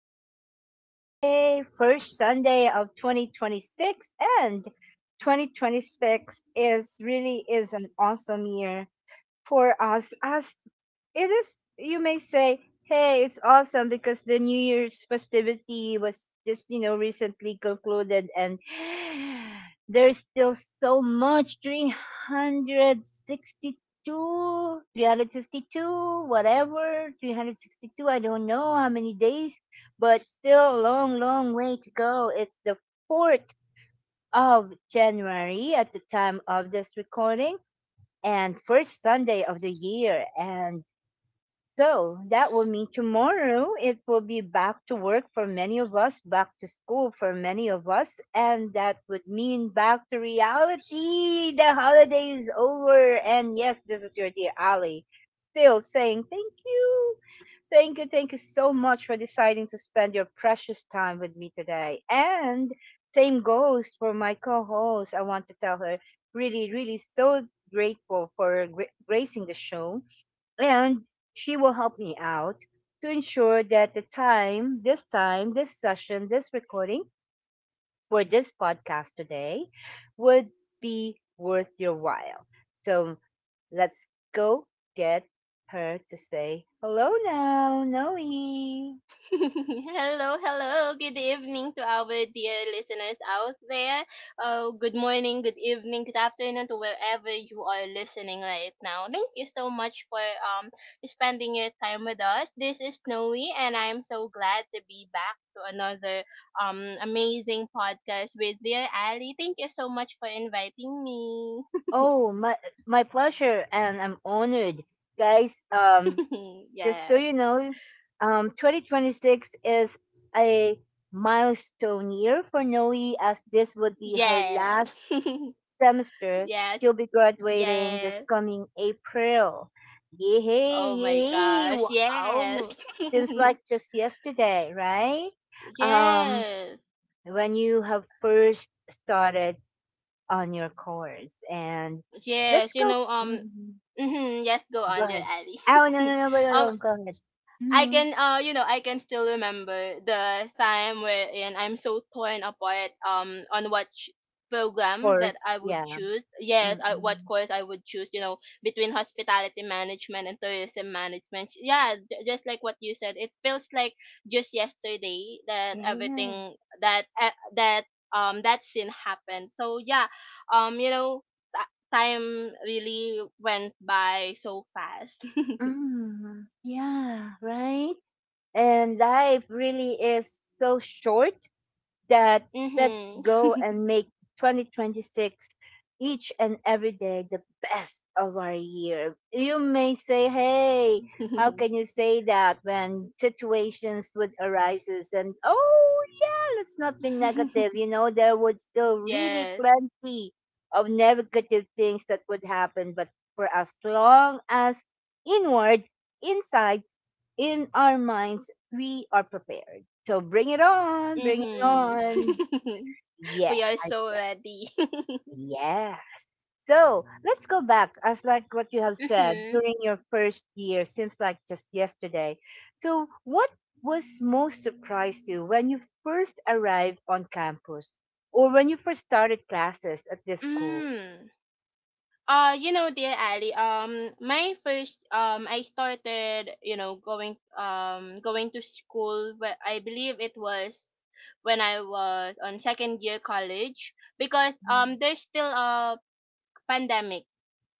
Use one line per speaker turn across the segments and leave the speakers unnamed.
It's Sunday, first Sunday of 2026, and 2026 is really is an awesome year for us. As it is, you may say, hey, it's awesome because the new year's festivity was just recently concluded. And there's still so much. 362 352 whatever, 362, I don't know how many days, but still a long way to go. It's the 4th of January at the time of this recording, and first Sunday of the year. And so that will mean tomorrow it will be back to work for many of us, back to school for many of us, and that would mean back to reality. The holiday is over. And yes, this is your dear Ali, still saying thank you. Thank you. Thank you so much for deciding to spend your precious time with me today. And same goes for my co host. I want to tell her really, really so grateful for gracing the show. And she will help me out to ensure that the time, this session, this recording for this podcast today would be worth your while. So let's go get her to say hello now, Noe.
Hello, hello. Good evening to our dear listeners out there. Good morning, good evening, good afternoon to wherever you are listening right now. Thank you so much for spending your time with us. This is Snowy, and I'm so glad to be back to another amazing podcast with dear Ali. Thank you so much for inviting me.
Oh, my pleasure, and I'm honored, guys. Just so
Yes,
you know, 2026 is a milestone year for Noe, as this would be her last
yes.
semester.
Yes,
She'll be graduating this
yes.
coming April. Yay,
Oh my
yay,
gosh.
wow.
Yes.
Seems like just yesterday, right? Um,
Yes.
when you have first started on your course. And let's
Yes.
go. mm,
Mhm, yes, go
Go
on, dear
ahead.
Ali.
Oh, no, no, no, no, no,
um,
no, go ahead.
I
Mm-hmm.
can uh you know I can still remember the time wherein I'm so torn apart on what program that
Course,
I would
yeah.
choose. Yes, what
Mm-mm.
course I would choose. Between hospitality management and tourism management. Yeah, just like what you said, it feels like just yesterday that
Yeah.
everything that uh, that that scene happened. So yeah, um you know t- time really went by so fast.
Mm, yeah, right? And life really is so short that let's
Mhm.
go and make 2026 each and every day the best of our year. You may say, hey, how can you say that when situations would arises? And oh yeah, let's not be negative. There would still really
Yes.
plenty of negative things that would happen. But for as long as inward, inside, in our minds, we are prepared. So bring it on, bring it
Mhm.
on. Yeah,
We are
I,
so ready.
yeah. So let's go back. As like what you have said
Mhm.
during your first year, seems like just yesterday. So what was most surprised you when you first arrived on campus, or when you first started classes at this school?
Mm. Dear Ali, my I started, going to school, but I believe it was when I was on second year college because,
Mm.
there's still a pandemic,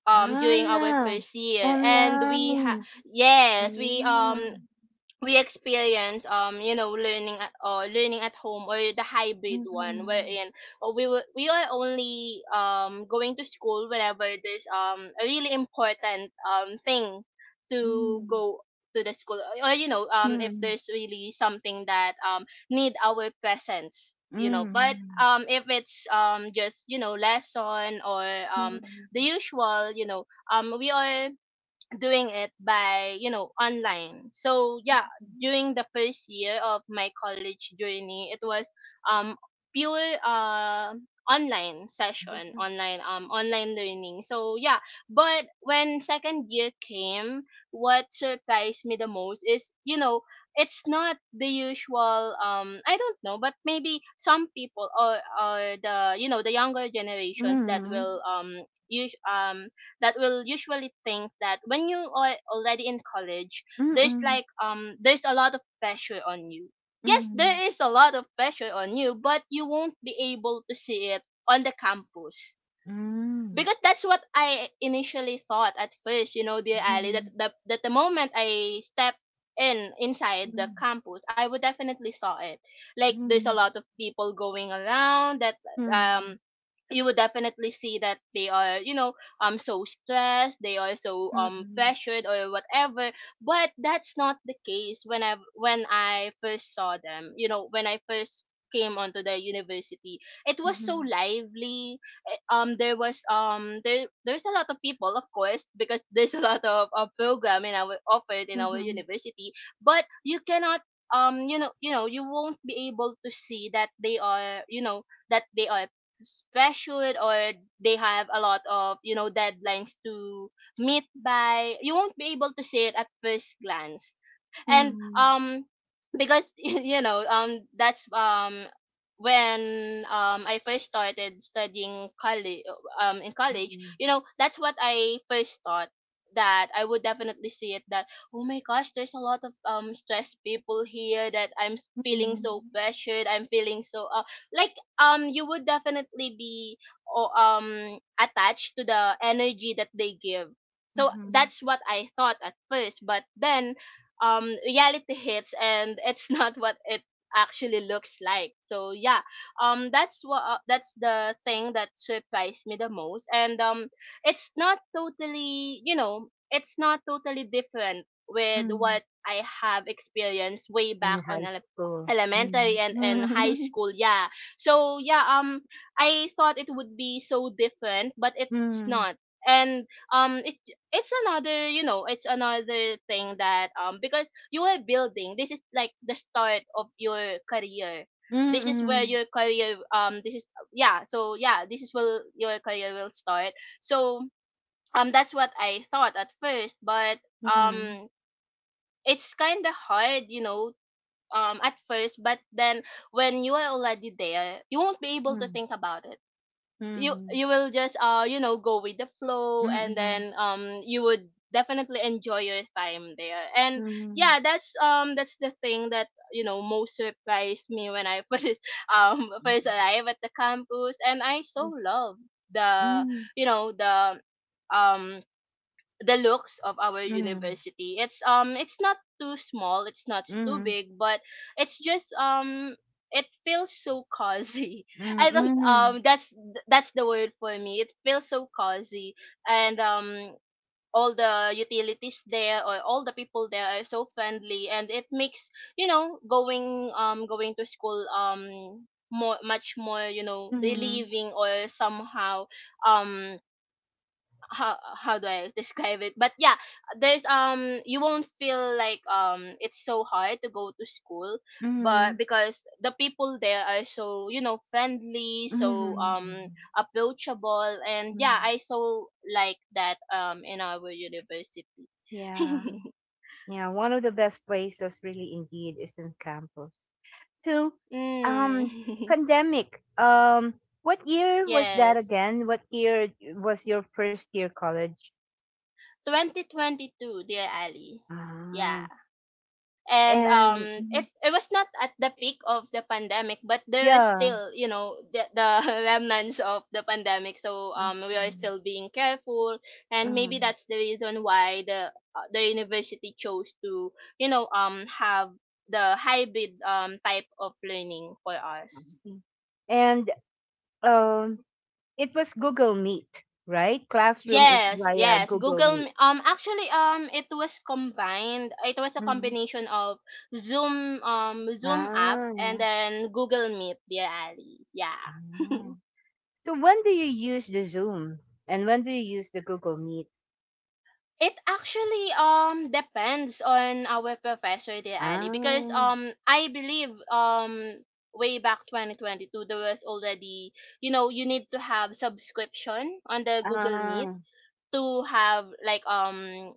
during our
Ah,
first year, and we ha
online.
yes, we,
Ah,
um, we experience learning at home, or the hybrid one
mm,
wherein we are only going to school whenever there's a really important thing to
mm,
go to the school, or if
hmm.
there's really something that need our presence, you know. But
Mm,
if it's just lesson, or
mm,
um the
mm,
usual, we are doing it by online. So yeah, during the first year of my college journey, it was um pure, online session, online learning. So yeah. But when second year came, what surprised me the most is, it's not the usual. I don't know, but maybe some people , or the younger generations
mm,
use um that will usually think that when you are already in college, there's,
mm,
like, there's a lot of pressure on you. Yes, there
mm,
is a lot of pressure on you, but you won't be able to see it on the campus, because that's what I initially thought at first, dear Ali: that
mhm,
the, moment I step in inside the
mhm,
campus, I would definitely saw it, like there's a
mhm,
lot of people going around that um
mhm,
you would definitely see that they are, so stressed, they are so pressured or whatever. But that's not the case when I first saw them, when I first came onto the university. It was so
mhm,
lively. There was there's a lot of people, of course, because there's a lot of, program in our offered in
mhm,
our
mhm,
university, but you cannot, you won't be able to see that they are, that they are special, or they have a lot of, deadlines to meet by. You won't be able to see it at first glance. And,
mhm,
because that's, when, I first started studying college, in college,
mhm,
that's what I first thought, that I would definitely see it, that: oh my gosh, there's a lot of stressed people here, that I'm feeling so
mhm,
pressured, I'm feeling so, like, you would definitely be attached to the energy that they give. So
mhm,
that's what I thought at first, but then reality hits, and it's not what it actually looks like. So yeah, that's what that's the thing that surprised me the most. And it's not totally different with
mhm.
what I have experienced way
In
back on
high school.
elementary
Mm,
and high school. Yeah, so yeah, I thought it would be so different, but
Hmm.
it's
mm,
not. And um, it it's another, it's another thing that, because you are building. This is like the start of your career. This is where
Hmm.
your career this is yeah this is where your career will start. So that's what I thought at first, but
Hmm.
um it's kind of hard, at first. But then when you are already there, you won't be able to
Hmm.
think about it. you
Hmm.
you will just, go with the flow, and
Hmm.
then you would definitely enjoy your time there. And
Hmm.
yeah, that's, the thing that, most surprised me when I first
Hmm.
arrived at the campus. And I so love the
Hmm.
you know um the looks of our
Hmm. Hmm.
university. It's not too small, it's not too
Hmm.
big, but it's just, it feels so cozy.
mm,
I don't
mm,
That's the word for me. It feels so cozy. And all the utilities there, or all the people there, are so friendly, and it makes, going to school, more much more,
Mhm.
relieving, or somehow, um how do I describe it? But yeah, there's you won't feel like, it's so hard to go to school, but
Mhm.
because the people there are so, friendly, so
Mhm. Mhm.
approachable, and yeah,
Mhm.
I so like that, in our university.
Yeah. Yeah. One of the best places really indeed is in campus. So, um,
Mm.
pandemic. What year was that
Yes,
again? What year was your first year college?
2022, dear Ali. Yeah.
Ah.
And
And
it
mhm.
it was not at the peak of the pandemic, but there is
Yeah,
still, the, remnants of the pandemic, so
I
we
see.
are still being careful. And maybe
Um,
that's the reason why the university chose to, have the hybrid, type of learning for
I
us.
see. And um, it was Google Meet, right? Classroom is
Yes,
via
yes.
Google
Google M-
Meet.
um actually it was combined. It was a
Mm-hmm.
combination of Zoom app,
Ah.
and then Google Meet, dear Ali. Yeah.
Ah. So when do you use the Zoom and when do you use the Google Meet?
It actually depends on our professor, dear Ali, because
Ah,
I believe, way back 2022, there was already, you need to have subscription on the Google Meet
ah,
to have, like um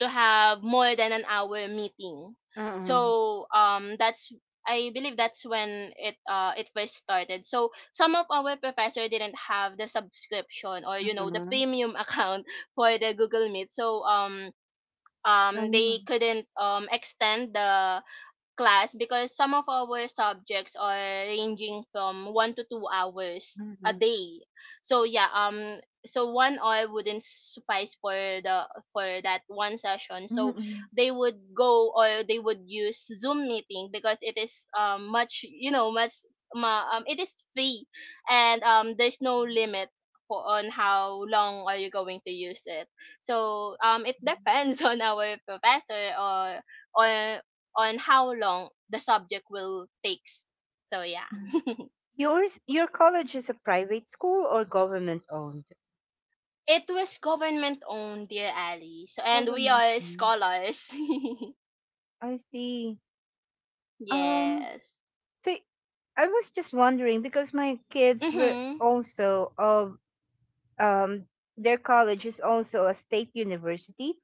to have more than an hour meeting.
mm-mm,
So that's I believe that's when it first started. So some of our professor didn't have the subscription, or, the
mm-mm,
premium account for the Google Meet. So they
mm-mm,
couldn't extend the class, because some of our subjects are ranging from 1 to 2 hours a
mm-mm,
day. So yeah, so 1 hour wouldn't suffice for the for that one session. So
mm-mm,
they would use Zoom meeting, because it is much, much, ma, it is free. And there's no limit for on how long are you going to use it. So it depends on our professor, or on how long the subject will takes. So yeah.
mm. Yours, your college is a private school or government owned?
It was government owned, dear Ali. So and we
Government
are
owned.
scholars.
I see. Um,
Yes.
so I was just wondering because my kids were
Mhm.
also of um their college is also a state university.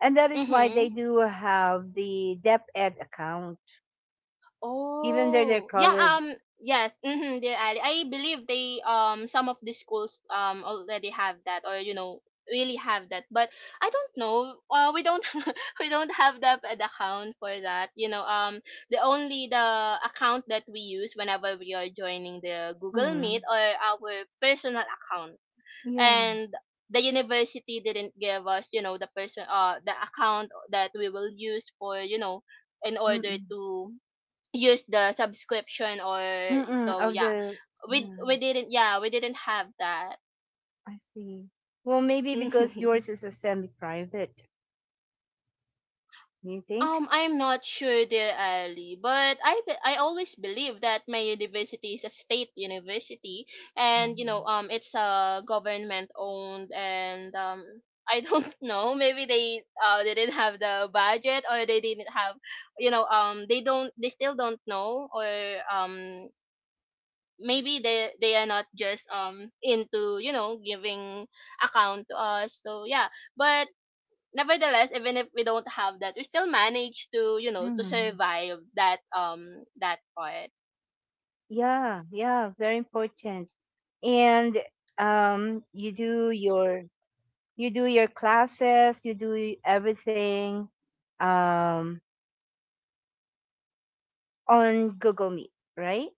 And that is why they
Mhm.
do have the DepEd account, even though they're
Oh, yeah.
called.
Yes. Mm-hmm, dear Ali, I believe they some of the schools already have that, or, really have that. But I don't know. We don't We don't have that, the account for that. The only the account that we use whenever we are joining the Google Meet,
Mm,
or our personal account,
yeah.
and. The university didn't give us, the account that we will use for, in order
Mm-mm.
to use the subscription, or
Mm-mm,
so
of
yeah,
the.
we
Yeah,
we didn't yeah we didn't have that.
I see. Well, maybe because yours is a semi private, you think?
I'm not sure, dear Ali, but I always believe that my university is a state university, and,
Mm.
it's, government owned. And I don't know. Maybe they didn't have the budget, or they didn't have, they still don't know, or um maybe they are not just, into, giving account to us. So yeah. But nevertheless, even if we don't have that, we still manage to you know to
Mm.
survive that, part.
Yeah, yeah, very important. And um, you do your you do your classes, you do everything um, on Google Meet, right?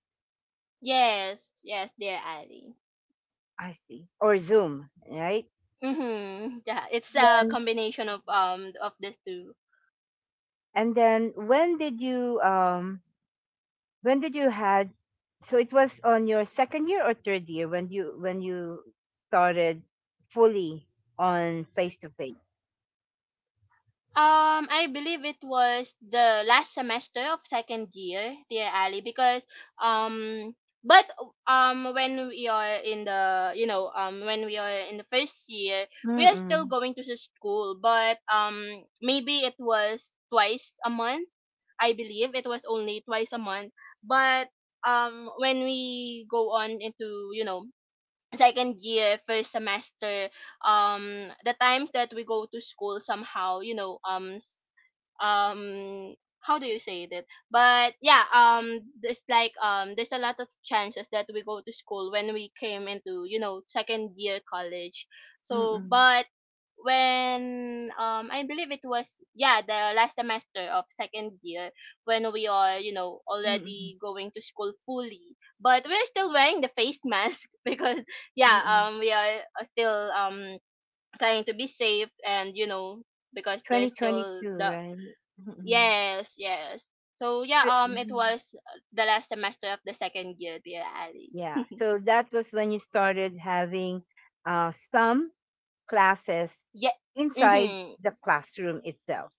Yes, yes, dear Ali.
I see. Or Zoom, right?
Mm-hmm. Yeah, it's a
then
combination of the two.
and then when did you had so it was on your second year or third year when you started fully on face to face.
I believe it was the last semester of second year, dear Ali, because um, but when we are in the first year, we are still
Mm-mm.
going to the school, but maybe it was twice a month. I believe it was only twice a month, but when we go on into second year first semester. The times that we go to school, somehow, um how do you say that, but there's like there's a lot of chances that we go to school when we came into second year college. So
Mm-mm.
but when I believe it was, yeah, the last semester of second year, when we are
Mm-mm.
already going to school fully, but we're still wearing the face mask because, yeah,
Mm-mm.
we are still trying to be safe, and because there's still
2022,
the.
right. Mm-mm.
Yes, yes. So, yeah,
So-
it
mm
was the last semester of the second year, dear Ali.
yeah, so that was when you started having some classes
Yeah.
inside
Mhm.
the classroom itself,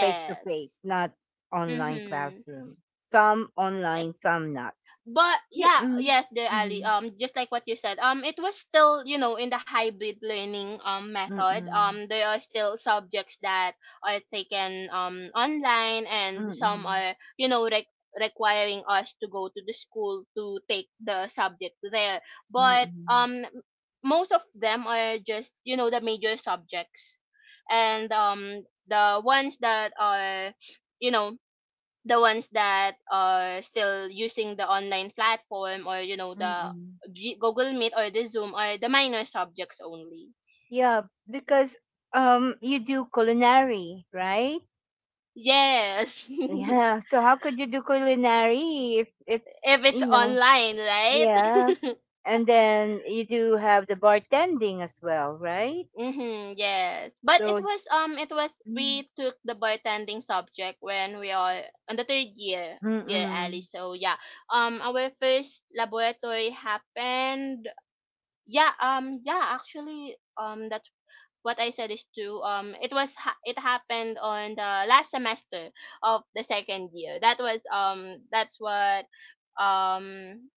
face to face, not online
Mhm.
classroom. Some online, some not.
But,
Y-
yeah,
mm,
yes, there, Ali,
mhm,
just like what you said, it was still, in the hybrid learning method.
mm-mm,
There are still subjects that are taken online, and some
mm-mm,
are, requiring us to go to the school to take the subject there, but
mm-mm,
most of them are just, the major subjects. And the ones that are you know the ones that are still using the online platform, or the
mm-mm.
Google Meet or the Zoom, are the minor subjects only.
Yeah, because you do culinary, right?
Yes. If
Yeah. So how could you do culinary if it's
it's
you know?
online,
Yeah,
right?
and then you do have the bartending as well, right?
Mhm, yes. But
So
it was
mm,
we took the bartending subject when we are on the third year, dear Ali.
mm-mm,
So yeah. Our first laboratory happened, yeah, yeah, actually, that's what I said is true. It was it happened on the last semester of the second year. That was that's what um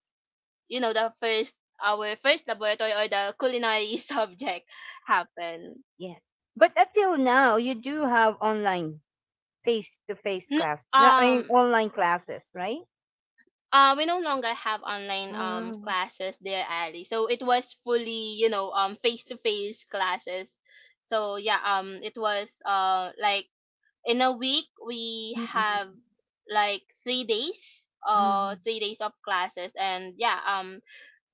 the first our first laboratory, or the culinary subject, happened.
yes. But until now, you do have online. Face-to-face
N-
class. No, I mean
um.
online classes, right?
We no longer have online
Mm,
classes there, Ali. So it was fully, you know, face to face classes. So yeah, it was, like, in a week we
mm-mm,
have like
mm,
3 days of classes, and, yeah,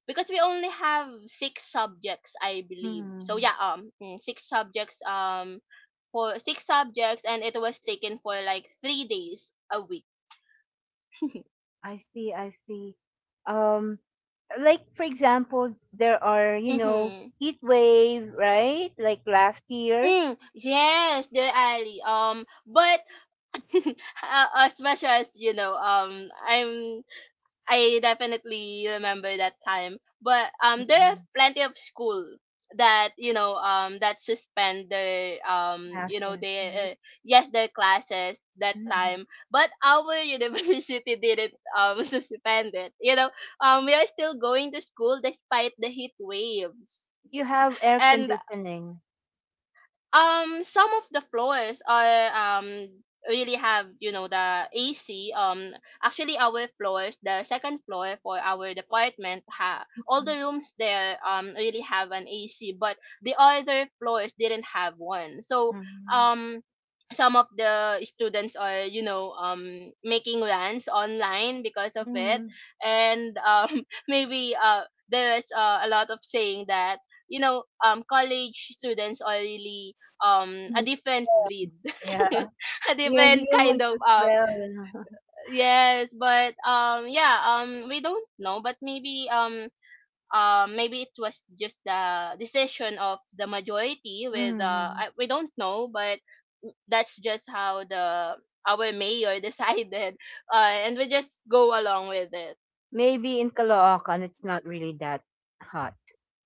because we only have six subjects, I believe. So,
mm.
yeah, mm, six subjects, for six subjects, and it was taken for like 3 days a week.
I see, I see. Um, like for example, there are, you know,
Mm-hmm.
heat wave, right? Like last year,
Mm, yes, dear Ali, but as much as I definitely remember that time. But there are
Mm-mm.
plenty of school that that suspend their
classes,
they,
right?
yes, their classes that
Mm-mm.
time. But our university didn't suspend it. You know, we are still going to school despite the heat waves.
You have air
And
conditioning.
some of the floors are um really have, you know, the AC. Actually, our floors, the second floor for our department, ha all the
Mm-mm.
rooms there really have an AC, but the other floors didn't have one. So
Mm-mm.
um. some of the students are, you know, making rants online because of it,
Mm-mm.
and maybe, there is, a lot of saying that, you know, college students are really a different
Well.
breed.
Yeah,
A
we are
different kind
humans
of
as well.
yes, but we don't know, but maybe, maybe it was just the decision of the majority with,
Mm.
we don't know, but that's just how the our mayor decided, and we just go along with it.
Maybe in Caloocan, it's not really that hot.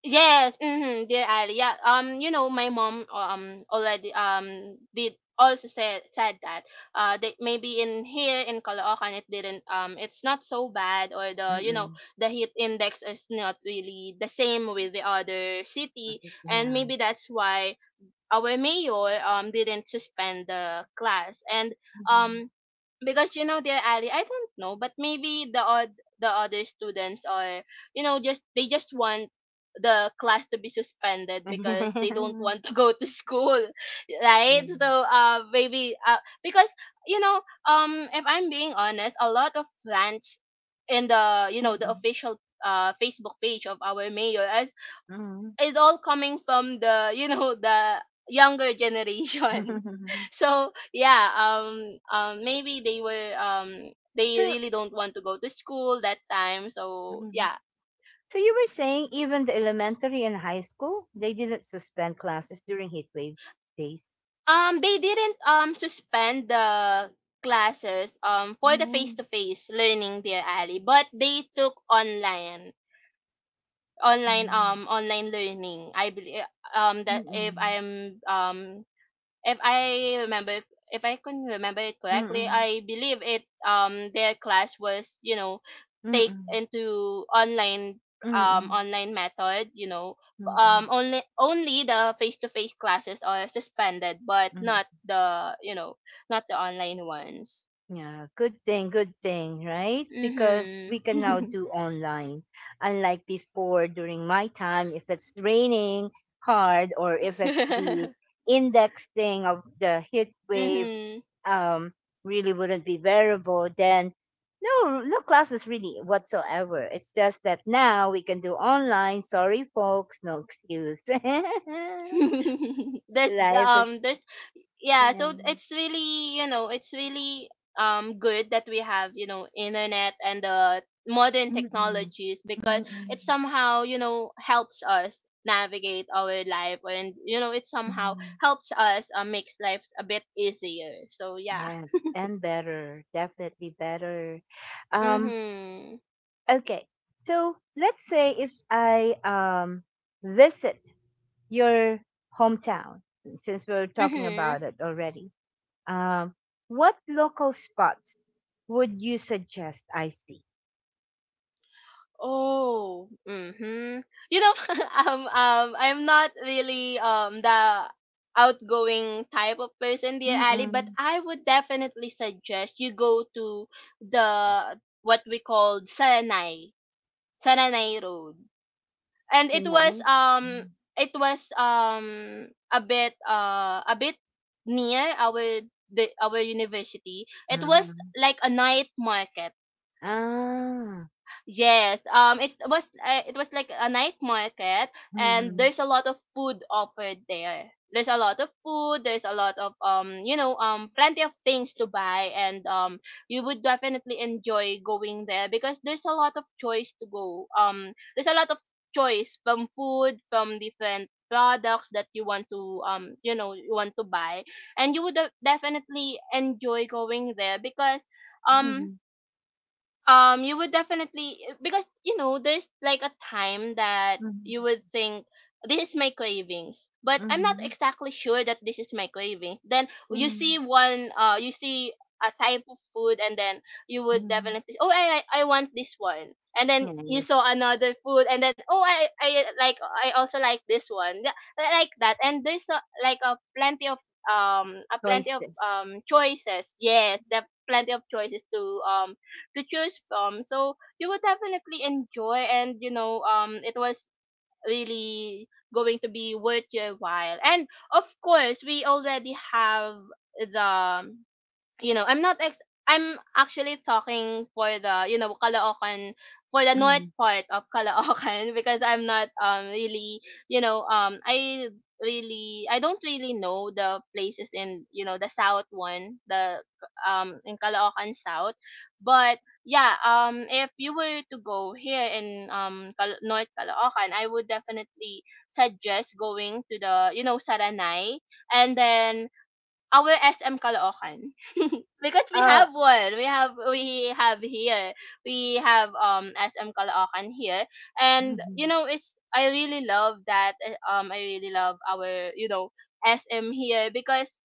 Yes, mm-hmm, dear Ali. Yeah, you know, my mom, already, did also said that, that maybe in here in Caloocan it didn't, it's not so bad, or, the you know
Mm-mm.
the heat index is not really the same with the other city, and
Yeah.
maybe that's why our mayor didn't suspend the class. And
Mhm.
um because, you know, they're Ali, I don't know, but maybe the other students are, you know, just they just want the class to be suspended because they don't want to go to school.
yeah.
Right. So, maybe, because, you know, if I'm being honest, a lot of plants in the, you know, the
Mhm.
official Facebook page of our mayor
Mhm.
is all coming from the, you know, the younger generation. So, yeah, maybe they were they
so,
really don't want to go to school that time. So
Mhm.
yeah.
So you were saying even the elementary and high school, they didn't suspend classes during heat wave days.
They didn't suspend the classes for the face
Mm,
to face learning, dear Ali, but they took online, online,
mm,
online learning, I believe. That, if
mm,
I'm, if I remember, if I can remember it
mm,
correctly,
mm,
I believe it, their class was, you know,
mm,
take
mm,
into online,
mm,
online method, you know.
mm, mm,
Only the face to face classes are suspended, but not
mm.
the, you know, not the online ones.
Yeah, good thing, right? Because we
Mhm.
can now do online. Unlike before, during my time, if it's raining hard or if it's the index thing of the heat wave,
Mhm.
um, really wouldn't be variable, then no, no classes really whatsoever. It's just that now we can do online. Sorry, folks, no excuse.
There's,
Life is,
there's, yeah,
yeah.
so it's really, you know, it's really good that we have, you know, internet and the modern
Mm-mm.
technologies, because it
Mm-mm.
somehow, you know, helps us navigate our life, and, you know, it somehow helps us, makes life a bit easier. So yeah.
Yes, and better, definitely better. Um,
Mhm.
okay, so let's say if I visit your hometown, since we're talking
Mhm.
about it already, um, what local spots would you suggest I see?
Oh, mm-hmm. You know, I'm not really the outgoing type of person, dear Ali, but
Mm-mm.
I would definitely suggest you go to the what we call Sananay, Sananay Road, and it was,
Sinai?
it was, a bit, a bit near our the our university. It was
Mm.
like a night market.
Ah.
Yes, it was, it was like a night market, and
Mm.
there's a lot of food offered there. There's a lot of food. There's a lot of, you know, plenty of things to buy, and, you would definitely enjoy going there because there's a lot of choice to go. There's a lot of choice from food, from different products that you want to, you know, you want to buy, and you would definitely enjoy going there because, um
Mm.
you would definitely, because, you know, there's like a time that
Mm.
you would think, this is my cravings, but I'm not
Mm.
exactly sure that this is my cravings. Then you see
Mm.
one, you see a type of food, and then you would
Mm.
definitely, oh, I want this one, and then you
Nice
saw another food, and then, oh, I like I also like this one. Yeah, like that. And there's a, like a plenty of, a plenty of
choices.
choices. Yes, there are plenty of choices um to choose from. So you would definitely enjoy, and you know, it was really going to be worth your while. And, of course, we already have the, I'm not ex I'm actually talking for the, you know, Caloocan, for the north
Mm.
part of Caloocan. Because I'm not really, you know, I don't really know the places in, you know, the south one, the in Caloocan South. But yeah, if you were to go here in, North Caloocan, I would definitely suggest going to the, you know, Saranay, and then our SM Caloocan. Because we have one. We have here. We have SM Caloocan here, and, you
Mhm.
know, it's, I really love that. I really love our, you know, SM here because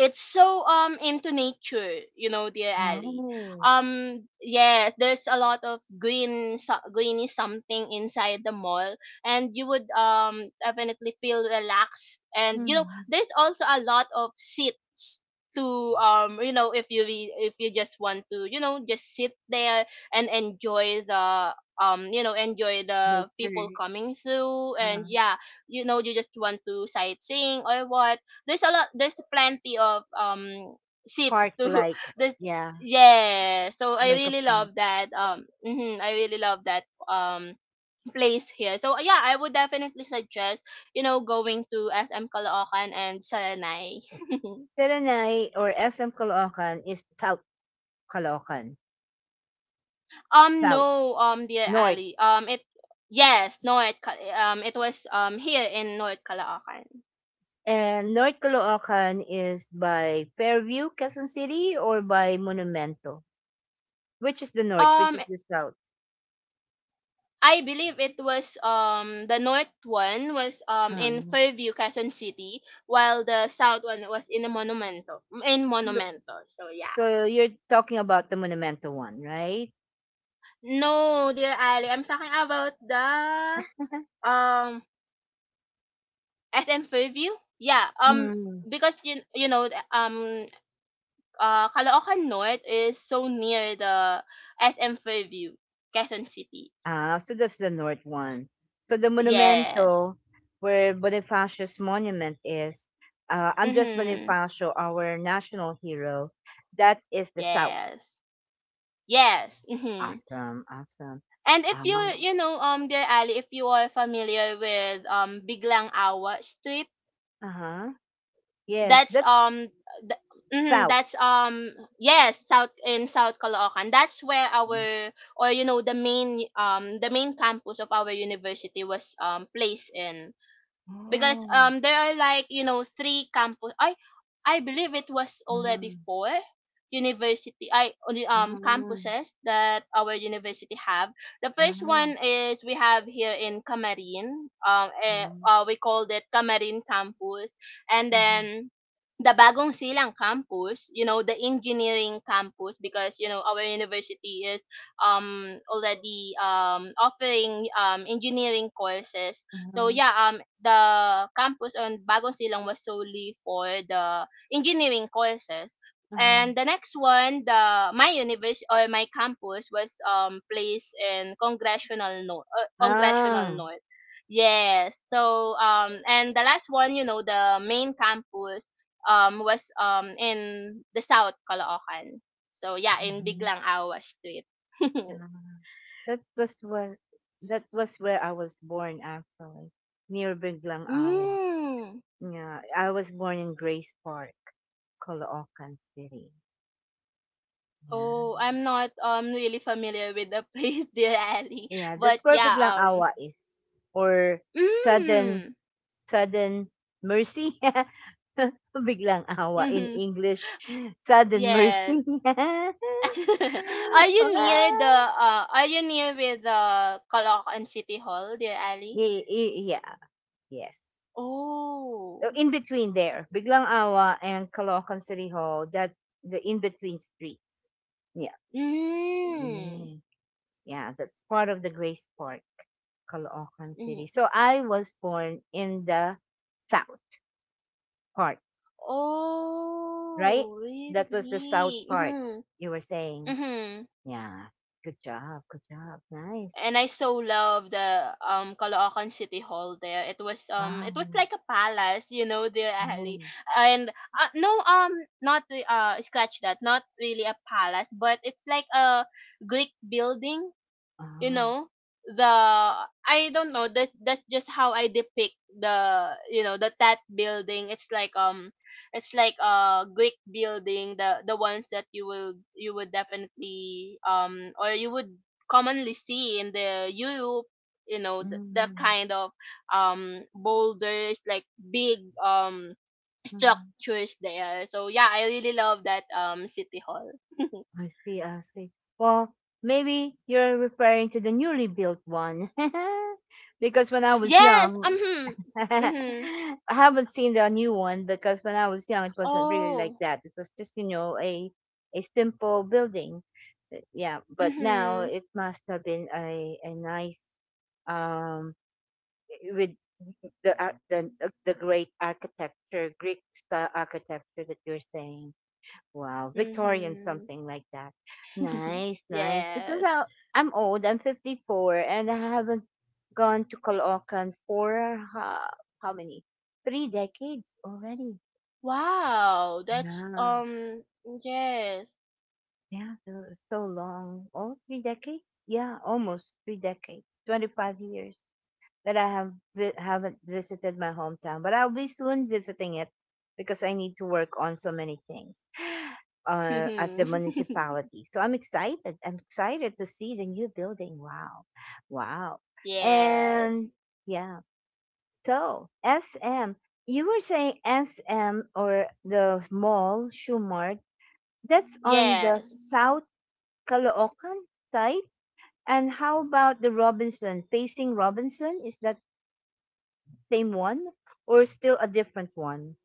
it's so into nature, you know, dear Ali.
Oh.
Yes, there's a lot of green, greeny something inside the mall, and you would definitely feel relaxed, and, you know,
Mhm.
there's also a lot of seats to, you know, if you, if you just want to, you know, just sit there and enjoy the, you know, enjoy the people
Nature,
coming through. And,
uh,
yeah, you know, you just want to sightseeing or what, there's a lot, there's plenty of seats to
park-like.
there's,
Yeah,
yeah, so I
like a
really love
park.
that, mhm, I really love that place here. So, yeah, I would definitely suggest, you know, going to SM Caloocan and Salanay.
Serenay or SM Caloocan is South Caloocan, South,
No, dear
North.
Ali, it, yes, no, it, it was here in North Caloocan.
And North Caloocan is by Fairview, Quezon City, or by Monumento. Which is the North, which
um
is the South.
I believe it was, the north one was in
Um,
Fairview, Quezon City, while the south one was in the Monumento. In
so,
Monumento. So yeah.
so you're talking about the Monumento one, right?
No, dear Ali, I'm talking about the, um SM Fairview. Yeah. Because you know, the, Caloocan North is so near the SM Fairview, Quezon City.
Ah, so that's the north one. So the
Yes.
Monumento, where Bonifacio's monument is, Andres
Mhm.
Bonifacio, our national hero, that is the south.
Yes. Yes. Mhm.
Awesome, awesome.
And
Uh
if you, you know, dear Ali, if you are familiar with Biglang Awa Street,
huh. Yes,
that's,
that's
th- mhm,
south.
that's, yes, south in South Caloocan. That's where
Mm.
our, or, you know, the main, the main campus of our university was placed in. Because
Oh.
there are, like, you know, three campus I believe it was already
Uh-huh.
four university I only,
Uh-huh.
campuses that our university have. The first one
Uh-huh.
is we have here in Camarin,
Uh-huh.
we called it Camarin campus. And then the Bagong Silang campus, you know, the engineering campus, because, you know, our university is already offering engineering courses. So
Uh-huh.
yeah, the campus on Bagong Silang was solely for the engineering courses.
Uh-huh.
And the next one, the my university or my campus was placed in Congressional North, Congressional
Ah.
North. Yes. So and the last one, you know, the main campus was in the South Caloocan. So yeah, in Biglang Awa Street.
Yeah. That was where that was where I was born actually. Near Biglang Awa.
Mm.
Yeah. I was born in Grace Park, Caloocan City.
Oh,
Yeah.
I'm not really familiar with the place, dear Ali.
Yeah,
But
that's where
yeah,
Biglang Awa is. Or sudden
mm,
sudden mercy. Biglang awa in
mm-hmm.
English. Sudden
Yes.
mercy.
are you
yeah,
near the are you near with the Caloocan City Hall, dear Ali?
yeah, yeah, yes.
Oh.
In between there, Biglang Awa and Caloocan City Hall, that the in between street. Yeah.
Mm.
Mm. Yeah, that's part of the Grace Park, Caloocan City.
Mm.
So I was born in the south part, right?
Oh,
That was the south
really?
part
Mhm.
you were saying.
Mm-hmm.
Yeah. Good job. Good job. Nice.
And I so love the Caloocan City Hall there.
Ah,
It was like a palace, you know, the alley.
oh,
And not re- scratch that, not really a palace, but it's like a Greek building, you
oh,
know. The i don't know, that that's just how I depict, the you know, the tat building. It's like it's like a Greek building, the ones that you would definitely or you would commonly see in the Europe, you know, the
mm,
kind of boulders, like big
mm.
structures there. So yeah, I really love that city hall.
I see, I see. Well, maybe you're referring to the newly built one. because when I was
Yes. Um
young,
hmm
I
mm-hmm.
haven't seen the new one because when I was young, it wasn't really like
Oh.
that. It was just, you know, a simple building. Yeah, but now
Mhm.
it must have been a nice, um, with the, ar- the, the great architecture, Greek style architecture that you're saying. Wow, Victorian,
Mhm.
something like that. Nice, nice. Because
Yes.
I'm old, I'm 54, and I haven't gone to Caloocan for uh, how many? Three decades already.
Wow, that's
Yeah,
yes.
yeah, so so long. Oh, three decades? Yeah, almost three decades, 25 years. That I have vi- haven't visited my hometown, but I'll be soon visiting it because I need to work on so many things at the municipality. So I'm excited. I'm excited to see the new building. Wow, wow, and
Yes.
yeah. So SM, you were saying SM or the mall Shumart. That's on the
Yes.
South Caloocan side. And how about the Robinson facing Robinson? Is that same one or still a different one?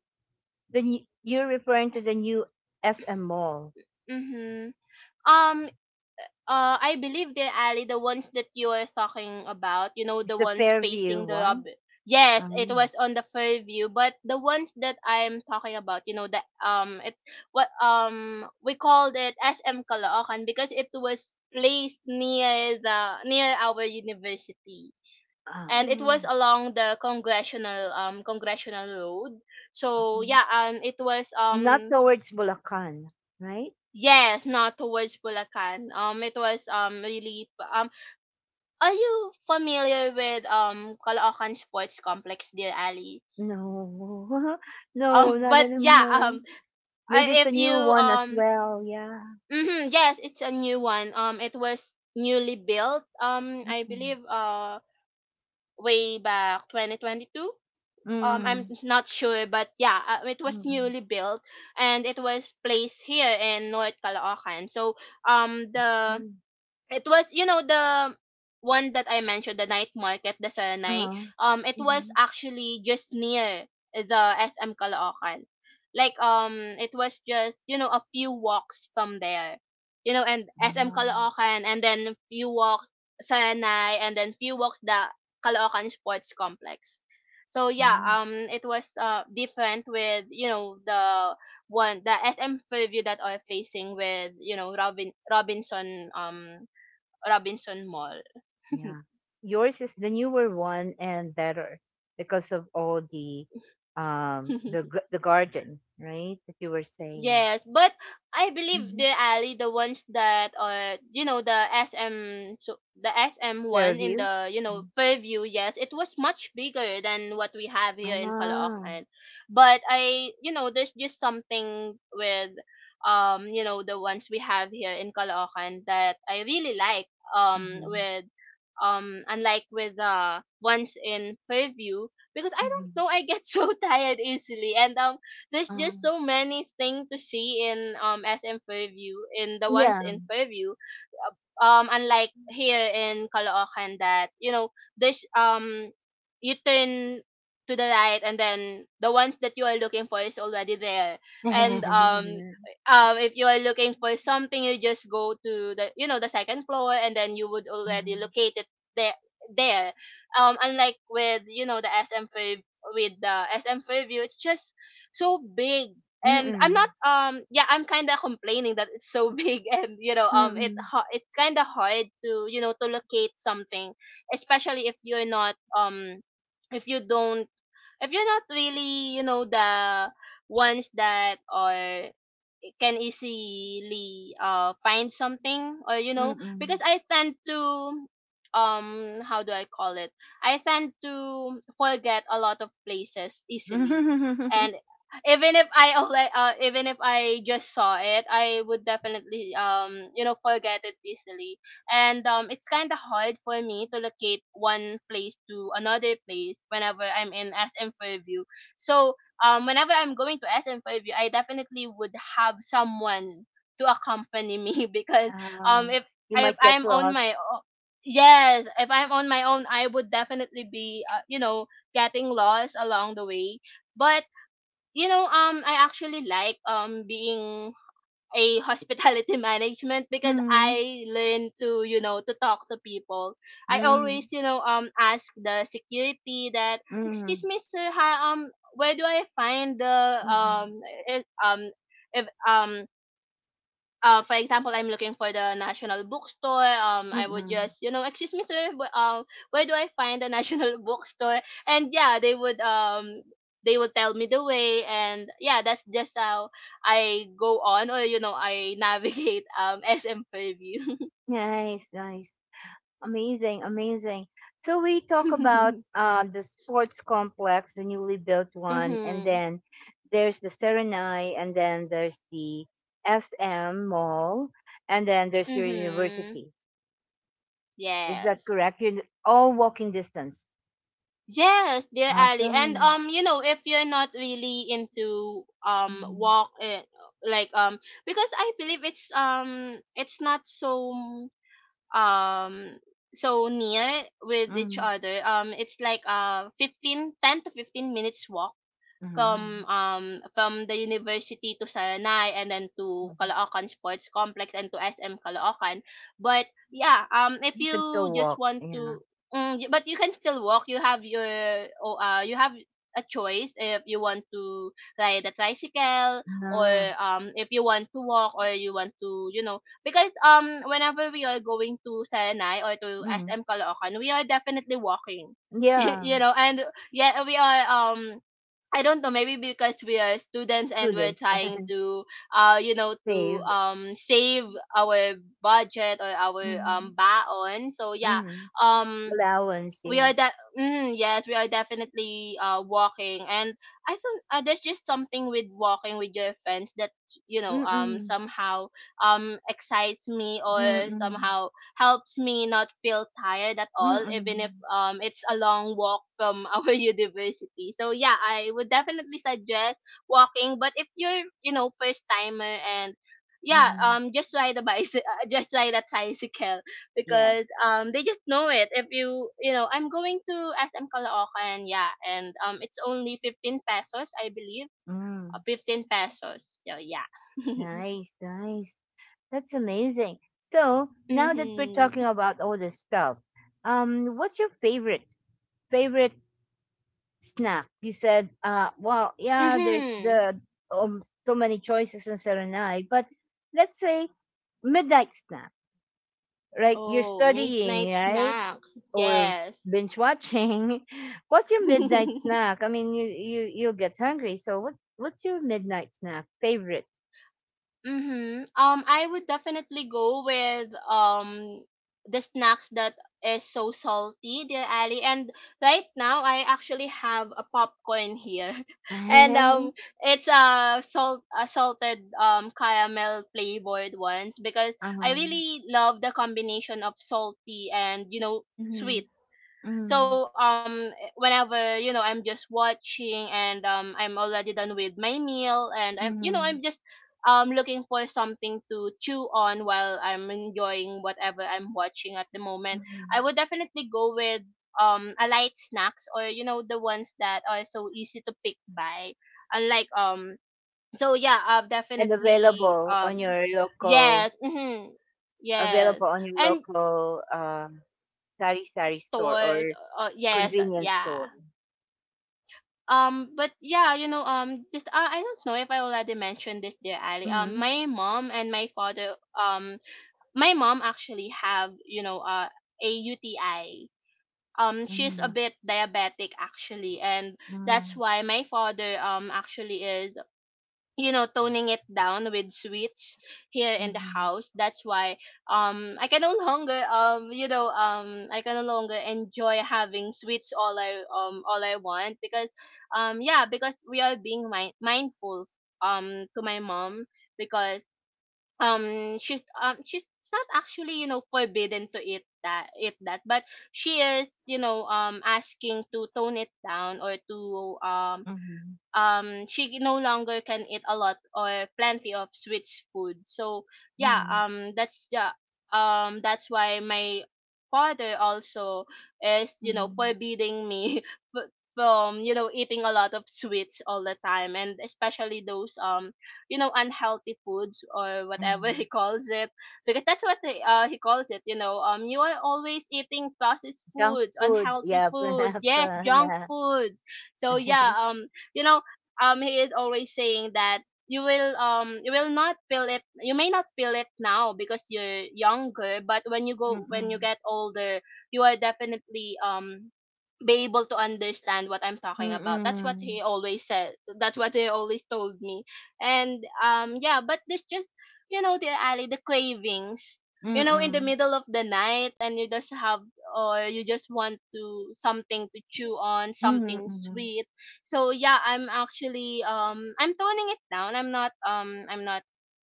You're referring to the new SM Mall.
Mhm. Um I believe the alley, the ones that you are talking about, you know,
It's
the
the
ones
Fairview
facing the
one.
lobby. Yes, it
Um,
was on the Fairview, but the ones that I'm talking about, you know, that it's what we called it SM Caloocan because it was placed near the near our university, and it
mm,
was along the congressional congressional road. So
um,
yeah, it was
not towards Bulacan, right?
yes, not towards Bulacan. It was really are you familiar with Caloocan Sports Complex, dear Ali?
No, no, not
But yeah,
anymore. Maybe
I,
it's a
if you
new one as well. Yeah.
hmm yes, it's a new one. It was newly built. I
Mm-mm.
believe way back 2022, I'm
Mm-mm.
not sure, but yeah, it was
Mm-mm.
newly built and it was placed here in North Caloocan. So the
Mm.
it was, you know, the one that I mentioned, the night market, the Saranay.
Uh-huh.
It was
Mhm.
actually just near the SM Caloocan. Like it was just, you know, a few walks from there, you know, and SM Caloocan, and then few walks Saranay, and then few walks the Caloocan Sports Complex. So yeah,
Mm.
it was different with, you know, the one, the SM preview, that are facing with, you know, Robinson, Robinson Mall.
Yeah. Yours is the newer one and better because of all the the garden, right? That you were saying.
Yes, but I believe
Mm-hmm.
the alley, the ones that are, you know, the SM, so the SM one in
Fairview.
the, you know,
Mm.
Fairview. Yes, it was much bigger than what we have here in
Ah.
Caloocan. But I, you know, there's just something with you know, the ones we have here in Caloocan that I really like
Mm-hmm.
with unlike with the ones in Fairview, because I don't
Mm-hmm.
know, I get so tired easily, and there's just
Um,
so many things to see in SM Fairview, in the ones in
yeah.
Fairview. uh, unlike here in Caloocan that, you know, there's you turn to the right, and then the ones that you are looking for is already there, and
mm-hmm.
if you are looking for something, you just go to the, you know, the second floor, and then you would already locate it there. there Unlike with, you know, the SM Fair with the SM Fairview, it's just so big, and I'm not
Mm-mm.
yeah, I'm kind of complaining that it's so big, and, you know,
Mm-mm.
it's kind of hard to, you know, to locate something, especially if you're not if you don't if you're not really, you know, the ones that are can easily find something. Or, you know, because
Mm-mm.
I tend to um how do I call it? I tend to forget a lot of places easily. And even if I even if I just saw it, I would definitely you know, forget it easily. And it's kind of hard for me to locate one place to another place whenever I'm in SM Fairview. So whenever I'm going to SM Fairview, I definitely would have someone to accompany me because um
Ah,
if
you
if
might get
I'm on
lost.
my yes, if I'm on my own, I would definitely be you know, getting lost along the way. But you know, I actually like being a hospitality management, because
Mm-hmm.
I learned to, you know, to talk to people. I
Mm-hmm.
always, you know, ask the security that
Mm-hmm.
excuse me, sir, hi, where do I find the
Mm-hmm.
um eh, if for example, I'm looking for the national bookstore. I would just, you know, excuse me, sir, where do I find the national bookstore? And yeah, they would, they will tell me the way, and yeah, that's just how I go on, or, you know, I navigate SM Fairview.
Nice, nice. Amazing, amazing. So we talk about the sports complex, the newly built one, and
Mhm,
then there's the Serenai, and then there's the SM Mall, and then there's your
mhm,
university. Is that
yes.
correct? All walking distance.
Yes, dear Ali. And
Awesome.
you know, if you're not really into
Mm-hmm.
walk like because I believe it's not so um so near with each
Mm-hmm.
other. It's like 15, 10 to 15 minutes walk
hmm
from the university to Saranay, and then to Caloocan Sports Complex, and to SM Caloocan. But yeah, if
You can still
you just
walk.
want
Yeah.
to but you can still walk. You have your oh, you have a choice if you want to ride a tricycle, or
Yeah.
if you want to walk, or you want to, you know, because whenever we are going to Saranay or to
hmm
SM Caloocan, we are definitely walking.
Yeah.
You know, and yeah, we are I don't know, maybe because we are students and we're
Students
trying to, you know, to
save.
save our budget or our
Hmm
baon. So yeah,
hmm
um,
Allowance.
we are
Yeah.
that, mm, yes, we are definitely walking. And I think, there's just something with walking with your friends, that, you know,
Mm-mm.
somehow excites me, or
Mm.
somehow helps me not feel tired at all, even if
Mm.
it's a long walk from our university. So yeah, I would definitely suggest walking. But if you're, you know, first timer, and yeah,
Mhm.
just ride a bicycle, just ride a tricycle,
Yes.
because they just know it. If you, you know, I'm going to SM Caloocan, yeah, and it's only 15 pesos, I believe,
Mm.
15 pesos. So yeah.
Nice, nice. That's amazing. So now that we're talking
Mhm.
about all this stuff, what's your favorite snack? You said, well, yeah, there's
Mhm.
the um so many choices in Serenade, but let's say midnight snack. Like you're
Oh, midnight
studying, right?
snacks.
Or
Yes.
binge watching. What's your midnight snack? I mean, you'll get hungry. So what's your midnight snack favorite?
Mhm. I would definitely go with the snacks that is so salty, dear Ali. And right now, I actually have a popcorn here, and
Uh-huh.
it's a salted caramel flavored ones, because I really love the combination of salty and, you know,
Mm-hmm.
sweet.
Mm-hmm.
So whenever, you know, I'm just watching and I'm already done with my meal, and I'm, you know,
Mm-hmm.
I'm just looking for something to chew on while I'm enjoying whatever I'm watching at the moment.
Mm-hmm.
I would definitely go with a light snacks, or, you know, the ones that are so easy to pick by. Unlike so yeah, I've
And
definitely
available on your local,
yes, mhm, yes.
available on your
And
local um sari sari store
stores,
or
yes,
convenience
yeah.
store.
But yeah, you know, just I don't know if I already mentioned this, dear Ali.
Mm-hmm.
My mom and my father, um, my mom actually have, you know, a UTI. She's a
Mm-hmm.
bit diabetic actually, and that's
Mm-hmm.
why my father actually is, you know, toning it down with sweets here in the
Mm-hmm.
house. That's why I can no longer, I can no longer enjoy having sweets all I, all I want, because yeah, because we are being mindful to my mom, because she's not actually, you know, forbidden to eat that, but she is, you know, asking to tone it down, or to
Mm-hmm.
she no longer can eat a lot or plenty of sweet food. So yeah,
Mm-hmm.
that's the that's why my father also is, you know,
Mm-hmm.
forbidding me f- from, you know, eating a lot of sweets all the time, and especially those you know, unhealthy foods or whatever he
Mm-hmm.
calls it. Because that's what he calls it. You know, you are always eating processed
Junk
foods,
food,
unhealthy
yeah,
foods, yes,
pra
junk
yeah.
foods. So yeah, you know he is always saying that you will, you will not feel it, you may not feel it now because you're younger, but when you
Mm.
get older you are definitely be able to understand what I'm talking about. That's what
Mm.
he always said. That's what he always told me. And yeah, but this just, you know, dear Ali, the cravings. You know, in the
Mm.
middle of the night, and you just have, or you just want to something to chew on,
Mm,
something
mhm,
sweet. So yeah, I'm actually I'm toning it down. I'm not, I'm not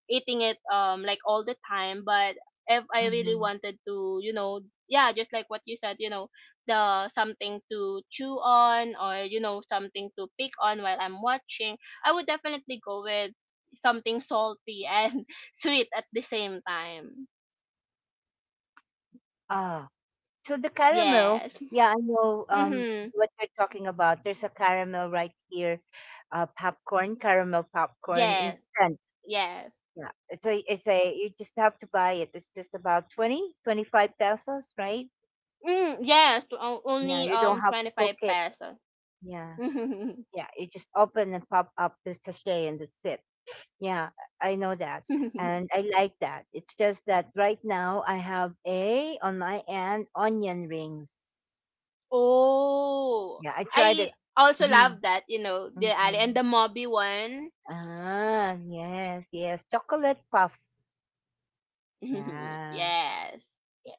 eating it like all the time, but if I really
mhm.
wanted to, you know, yeah, just like what you said, you know, the something to chew on, or you know, something to pick on while I'm watching, I would definitely go with something salty and sweet at the same time.
Ah, so the caramel,
Yes.
yeah, I know
Mhm.
what you're talking about. There's a caramel right here, popcorn, caramel popcorn,
Yes.
instant.
Yes.
Yeah, you just have to buy it. It's just about 20, 25 pesos, right?
Mm, yes,
Yeah,
only
you don't have to cook
25
it.
pesos.
Yeah, yeah, you just open and pop up the sachet and that's it. Yeah, I know that. And I like that. It's just that right now I have a on my end onion rings.
Oh,
Yeah, I tried
I
it.
also love that, you know, the
Mhm,
alley and
mhm.
the Moby one.
Ah, yes, yes. Chocolate puff. Yeah.
Yes.
Yes.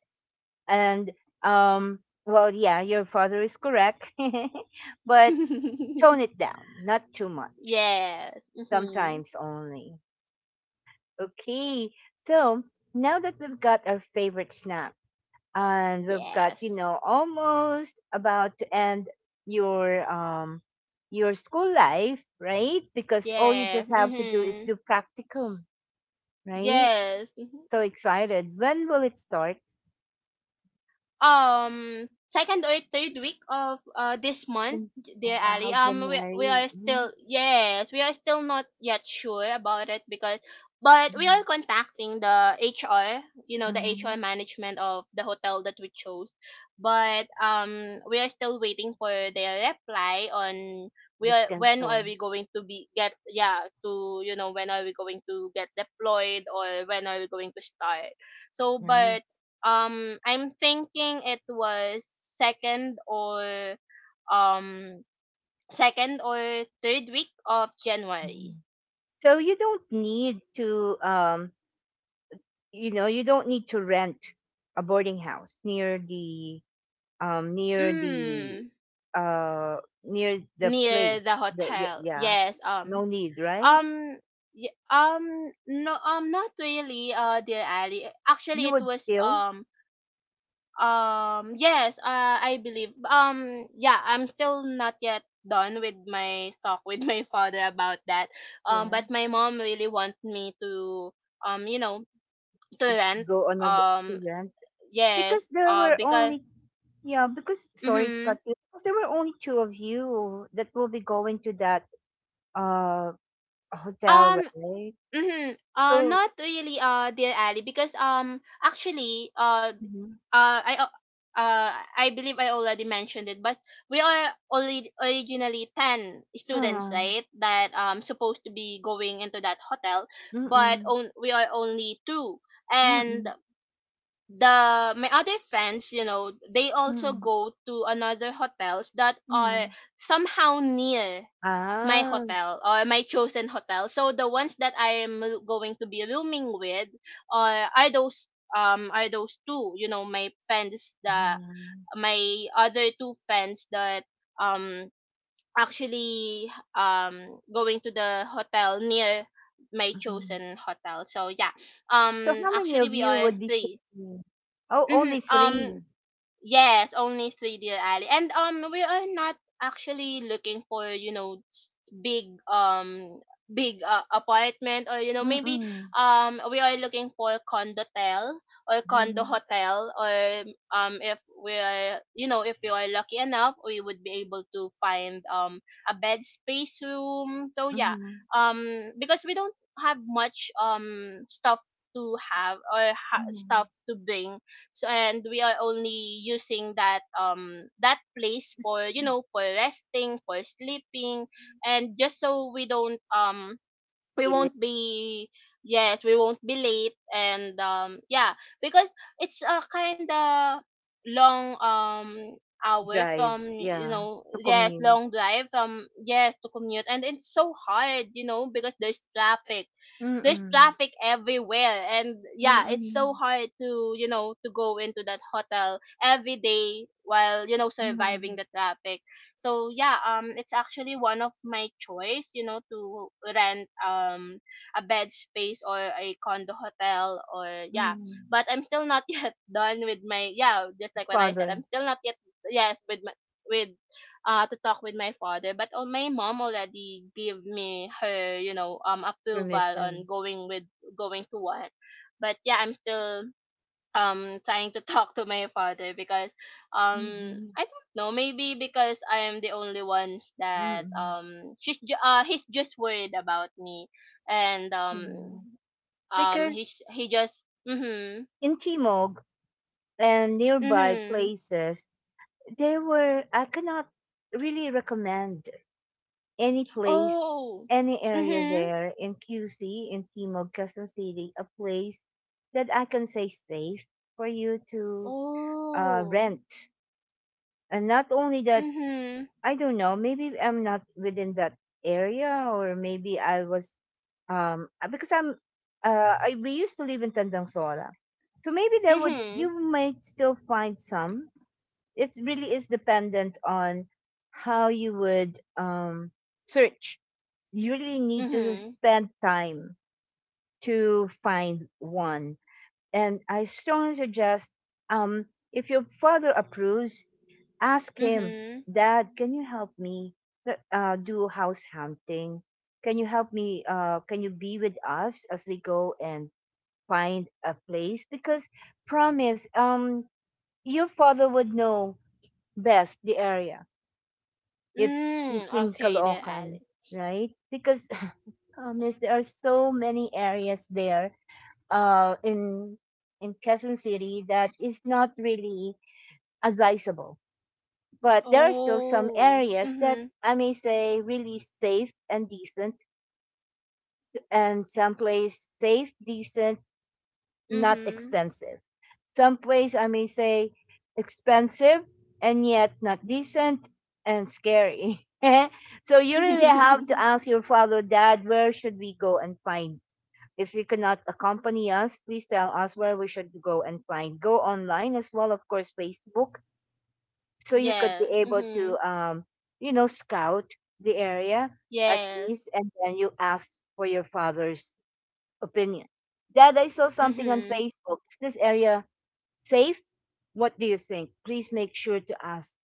And well, yeah, your father is correct. But tone it down, not too much.
Yes. Hmm.
Sometimes only. Okay. So now that we've got our favorite snack, and we've got,
Yes.
almost about to end your um your school life, right? Because all you
Yes.
just have to do is
Hmm.
do practicum, right?
Yes. Mm-hmm.
So excited, when will it start?
Second or third week of this month,
And-
dear Ali.
wow,
We
January.
are
Mm.
still, yes, we are still not yet sure about it, because, but we
Mm,
are contacting the HR, you know, the HR
mm.
management of the hotel that we chose, but we are still waiting for their reply on, we
The
are, when
schedule.
are we going to be get, yeah, to, you know, when are we going to get deployed, or when are we going to start. So but
Nice.
I'm thinking it was second or, um second or third week of January.
Mhm. So you don't need to, rent a boarding house near the, um near the
Mm,
uh near the
near
place.
the hotel.
Yeah,
Yes.
no need, right?
Um. No. Not really. Dear Ali. Actually,
You
it
would
was
still,
um. Yes, I believe. Yeah, I'm still not yet done with my talk with my father about that. Um,
yeah,
but my mom really wants me to, you know, to rent.
go on a v- to
Um,
rent, because
yes,
there
uh,
were
because
only, yeah, because sorry to
mhm.
cut you, because there were only two of you that will be going to that uh hotel,
Um.
right?
Mm-hmm.
So
Not really, dear Ali, because actually,
mm-hmm.
uh, I al- I believe I already mentioned it, but we are already originally ten students,
uh,
right? That supposed to be going into that hotel, but
mm-mm,
on, we are only two, and
mm-mm,
the my other friends, you know, they also
mm-mm,
go to another hotels that
mm-mm.
are somehow near my
Ah,
hotel or my chosen hotel. So the ones that I am going to be rooming with, are those, are those two, you know, my friends. The
mm-hmm.
my other two friends that um actually going to the hotel near my
Mm-hmm.
chosen hotel. So yeah.
So
Um,
how many
actually
of
we
you
are
would be
three.
sharing? Oh,
Hmm.
only 3.
Um. Yes, only 3D alley. And we are not actually looking for, you know, big, big, apartment, or you know, maybe,
Mm-mm.
we are looking for condotel or condo
Mhm.
hotel, or um, if we are, you know, if we are lucky enough, we would be able to find a bed space room. So yeah,
Mhm.
because we don't have much stuff to have, or stuff
Mhm.
to bring. So, and we are only using that that place
Just
for, you
be
know, for resting, for sleeping, and just so we don't, we
late.
won't be, yes, we won't be late. And yeah, because it's a kind of long hour
Drive.
from, you
Yeah,
know,
to
yes,
commute.
long drive from, yes, to commute, and it's so hard, you know, because there's traffic, there's
Mm-mm.
traffic everywhere. And yeah, it's so
Mm-mm.
hard to, you know, to go into that hotel every day while, you know, surviving
Mm-mm.
the traffic. So yeah, it's actually one of my choice, you know, to rent a bed space or a condo hotel, or yeah.
Mm-mm.
But I'm still not yet done with my, yeah, just like what I said,
Father,
I'm still not yet, yes, with my, with, to talk with my father. But my mom already gave me her, you know, approval on
permission.
going with, going to one. But yeah, I'm still trying to talk to my father because
Mm-mm.
I don't know, maybe because I am the only ones that
Mm-mm.
he's just worried about me. And
Mm-mm.
he
Because
he just mhm
in Timog and nearby
mhm
places, there were, I cannot really recommend any place,
oh
any area
mhm
there in QC, in Timog, Quezon City, a place that I can say safe for you to
oh
rent. And not only that,
mhm
I don't know, maybe I'm not within that area, or maybe I was, because we used to live in Tandang Sora. So maybe there would,
mhm.
you might still find some. It really is dependent on how you would, search. You really need to
Mhm.
spend time to find one. And I strongly suggest, um, if your father approves, ask him,
Mhm.
Dad, can you help me, do house hunting? Can you help me? Can you be with us as we go and find a place? Because, promise, your father would know best the area if he's
Mm,
in
okay, dear
Caloocan,
Alice.
right? Because, yes, there are so many areas there, uh, in in Quezon City that is not really advisable. But there are still some
Oh.
areas that
Mhm.
I may say really safe and decent, and some place safe, decent, not
Mhm.
expensive. Some place I may say expensive and yet not decent and scary. So you really have to ask your father, Dad, where should we go and find. If you cannot accompany us, please tell us where we should go and find. Go online as well, of course, Facebook, so you could be
Yes.
able
Mhm.
to, scout the area at
Yes.
least, and then you ask for your father's opinion. Dad, I saw something on
Mhm.
Facebook. Is this area safe? What do you think? Please make sure to ask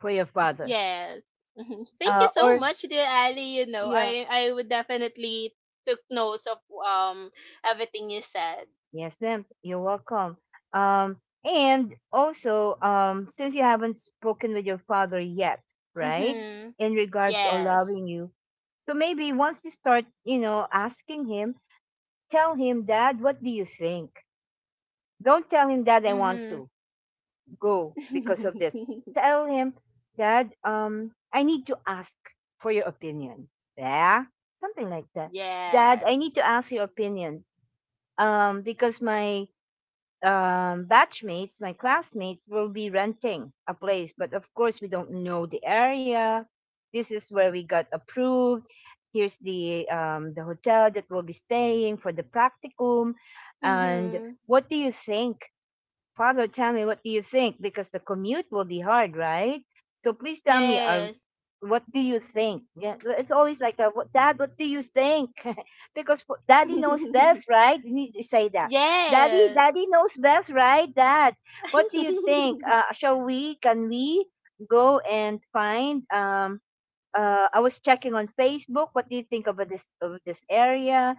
for your father.
Yes. Mhm. Thank you so
Or
much, dear Ali. You know,
yeah.
I would definitely took notes of everything you said.
Yes, ma'am. You're welcome. Um, and also, since you haven't spoken with your father yet, right,
Mhm.
in regards to
Yes.
allowing you, so maybe once you start, asking him, tell him, Dad, what do you think? Don't tell him, Dad, I want
Mhm.
to go because of this. Tell him, Dad, I need to ask for your opinion. Yeah, something like that. Dad, I
Yes.
need to ask your opinion. Because my, batchmates, my classmates, will be renting a place. But, of course, we don't know the area. This is where we got approved. Here's the, the hotel that we'll be staying for the practicum. And
Mhm.
what do you think? Pablo, tell me, what do you think? Because the commute will be hard, right? So please tell me,
Yes.
what do you think? Yeah, well, it's always like that. Dad, what do you think? Because Daddy knows best, right? You need to say that. Daddy,
Yes.
Daddy knows best, right? Dad, what do you think? Shall we? Can we go and find? I was checking on Facebook. What do you think about this of this area?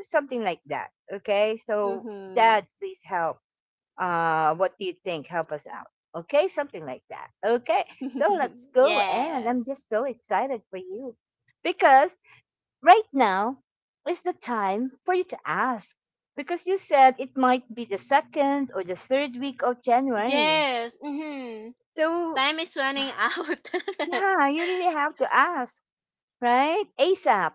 Something like that. Okay, so
Mhm.
Dad, please help, what do you think? Help us out. Okay, something like that. Okay, so let's go. And I'm
Yes.
just so excited for you because right now is the time for you to ask because you said it might be the second or the third week of January.
Yes. Mhm.
So,
Time is running out.
yeah, you really have to ask, right? ASAP.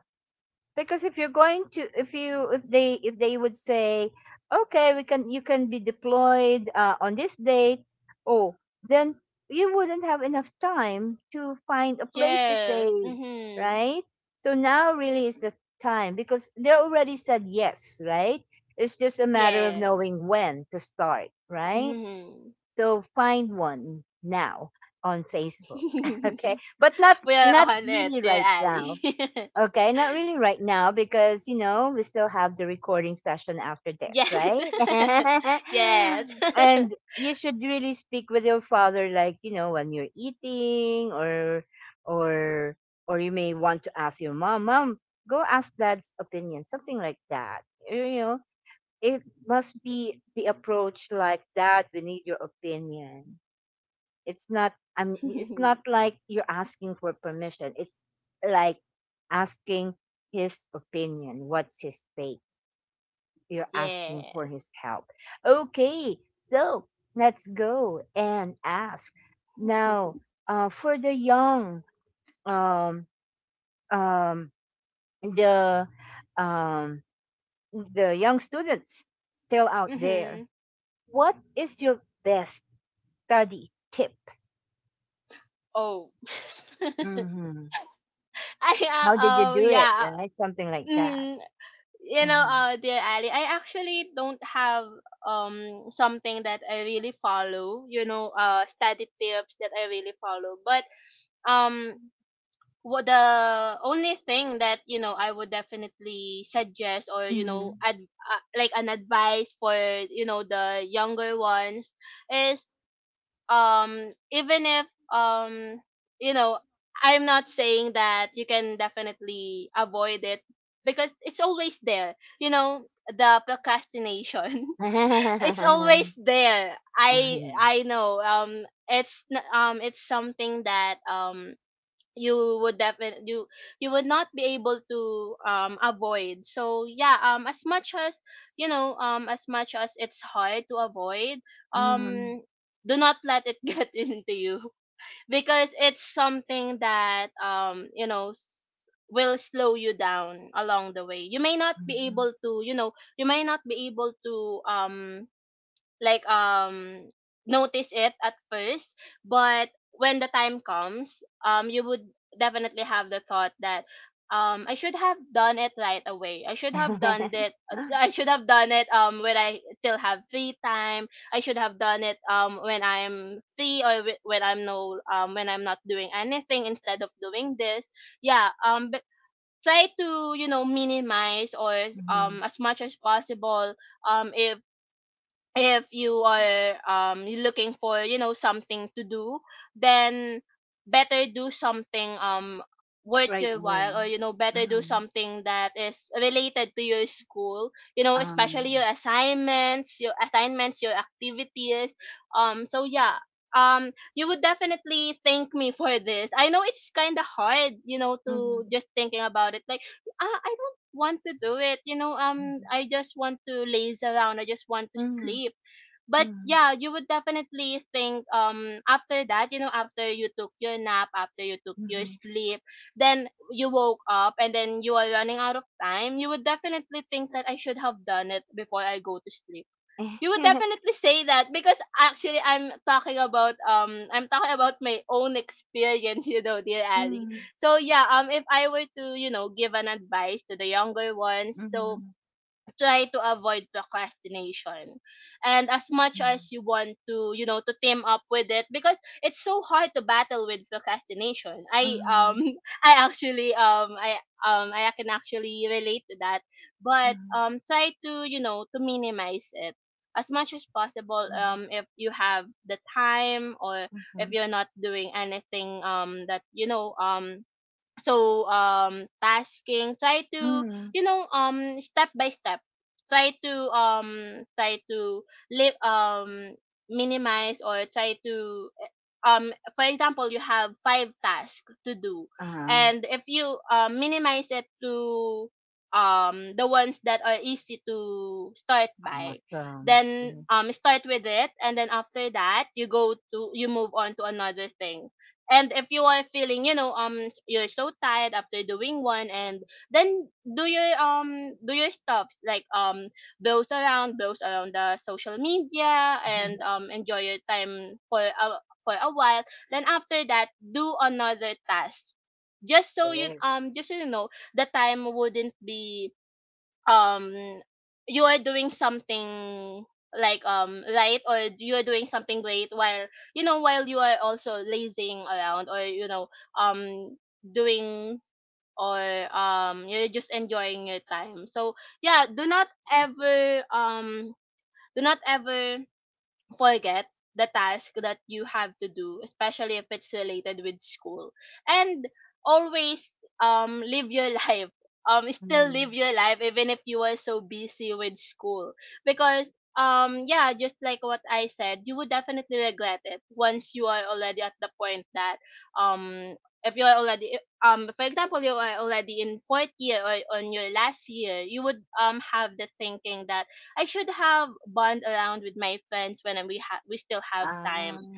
Because if they would say, okay, we can you can be deployed, on this date. Oh, then you wouldn't have enough time to find a place to stay,
Yes. Mhm.
right? So now really is the time because they already said yes, right? It's just a matter of
Yeah.
knowing when to start, right?
Mhm.
So find one now on Facebook. Okay, but not
We are
not
on it,
really
dear
right now.
Ali.
Okay, not really right now because, we still have the recording session after this,
Yes.
right?
Yes.
And you should really speak with your father, like, you know, when you're eating, or or you may want to ask your mom, Mom, go ask Dad's opinion, something like that. You know, it must be the approach like that. We need your opinion. It's not like you're asking for permission. It's like asking his opinion. What's his take? You're asking
Yeah.
for his help. Okay, so let's go and ask. Now, for the um um the um young students still out there,
Mhm.
what is your best study tip?
Oh. I
How did you
oh
do it?
yeah.
Right? Something like that.
Mhm. You know,
Uh-huh.
dear Ali, I actually don't have something that I really follow. You know, study tips that I really follow. But um, what the only thing that, you know, I would definitely suggest, or you
Mm-hmm.
know, like an advice for, you know, the younger ones, is even if, um you know, I'm not saying that you can definitely avoid it, because it's always there, you know, the procrastination. It's always
Mhm.
there. I know it's something that you would definitely, you would not be able to avoid. So yeah, as much as, you know, as much as it's hard to avoid, um do not let it get into you, because it's something that, you know, will slow you down along the way. You may not be
Mhm.
able to, you know, you may not be able to like notice it at first, but when the time comes, you would definitely have the thought that, I should have done it right away. I should have done
Mhm.
it,
Mhm.
I should have done it when I still have free time. I should have done it when I'm free, or when I'm when I'm not doing anything instead of doing this. Yeah, but try to, you know, minimize or
Mhm.
as much as possible, um if if you are looking for, you know, something to do, then better do something worth
Right
your
away.
while, or you know, better
Uh-huh.
do something that is related to your school, you know, especially
Um,
your assignments, your activities. So yeah, you would definitely thank me for this. I know it's kind of hard, you know, to
mhm.
just thinking about it like, ah, I don't want to do it. You know,
Mhm.
I just want to laze around. I just want to
Mhm.
sleep. But yeah, you would definitely think after that, you know, after you took your nap, after you took your
Mhm.
sleep, then you woke up and then you are running out of time. You would definitely think that I should have done it before I go to sleep. You would
Mhm.
definitely say that, because actually I'm talking about, I'm talking about my own experience, you know, dear Ali. So yeah, if I were to, you know, give an advice to the younger
Mhm.
ones,
Mhm.
so
Mhm.
try to avoid procrastination. And as much as you want to, you know, to team up with it, because it's so hard to battle with procrastination. I
Mhm.
I actually I can actually relate to that. But try to, you know, to minimize it as much as possible,
Mhm. Mhm.
if you have the time, or if you're not doing anything that, you know, so tasking, try to,
Mhm.
you know, step by step, try to, try to live, minimize, or try to, eh, um for example, you have five tasks to do,
Uh,
and if you, minimize it to the ones that are easy to start by,
Awesome.
then
Yes.
start with it, and then after that you go to, you move on to another thing. And if you are feeling, you know, you're so tired after doing one, and then do your, do your stuff like, browse around the social media, and enjoy your time for a, for a while. Then after that, do another task. Just so you,
Yes.
just so you know, the time wouldn't be, um you are doing something like, right, or you are doing something great while, you know, while you are also lazing around, or you know, um doing, or you're just enjoying your time. So yeah, do not ever forget the task that you have to do, especially if it's related with school. And always live your life. Still
Mhm.
live your life even if you are so busy with school. Because yeah, just like what I said, you would definitely regret it once you are already at the point that um if you are already, for example, you are already in fourth year or on your last year, you would have the thinking that I should have bond around with my friends when we still have time.
Ah,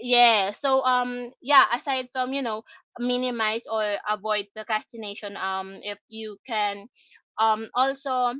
Yeah. So yeah, aside from, minimize or avoid procrastination if you can, also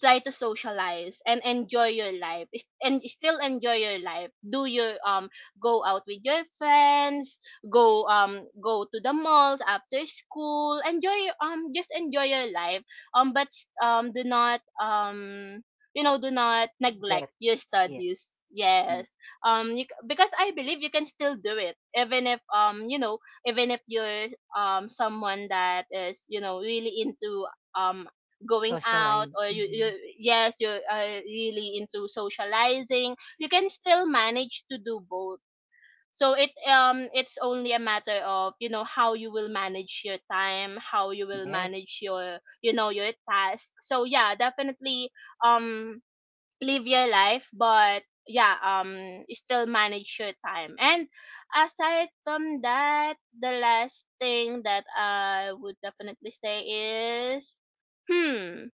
try to socialize and enjoy your life is- and still enjoy your life, do your go out with your friends, go to the malls after school, just enjoy your life. Do not, you know, do not
yes.
neglect your studies,
Yes.
yes. Because I believe you can still do it even if, you know, even if you're someone that is, you know, really into um going out
Socialite.
or you.
Mhm.
Yes, you are really into socializing. You can still manage to do both. So it's only a matter of, you know, how you will manage your time, how you will
Yes.
manage your, you know, your task. So yeah, definitely um live your life, but yeah, still manage your time. And aside from that, the last thing that I would definitely say is, hmm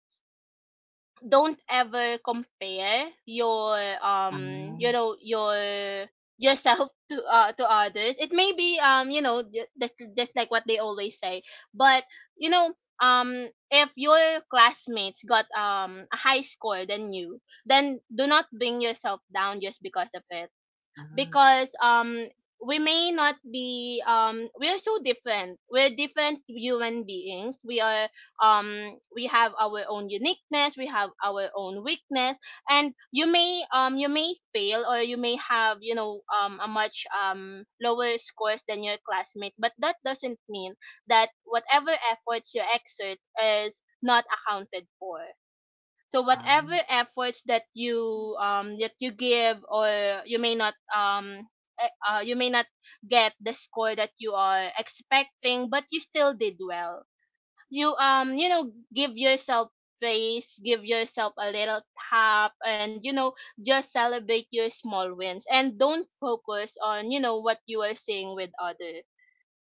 don't ever compare your,
Ah,
you know, yourself to others. It may be, you know, just like what they always say. But you know, if your classmates got a high score than you, then do not bring yourself down just because of it.
ah,
Because we may not be we are so different. We're different human beings. We are, we have our own uniqueness, we have our own weakness. And you may, you may fail, or you may have, you know, a much lower scores than your classmate, but that doesn't mean that whatever efforts you exert is not accounted for. So whatever
ah.
efforts that you, that you give, or you may not, you may not get the score that you are expecting, but you still did well. You know, give yourself praise, give yourself a little tap, and you know, just celebrate your small wins, and don't focus on, you know, what you are seeing with other.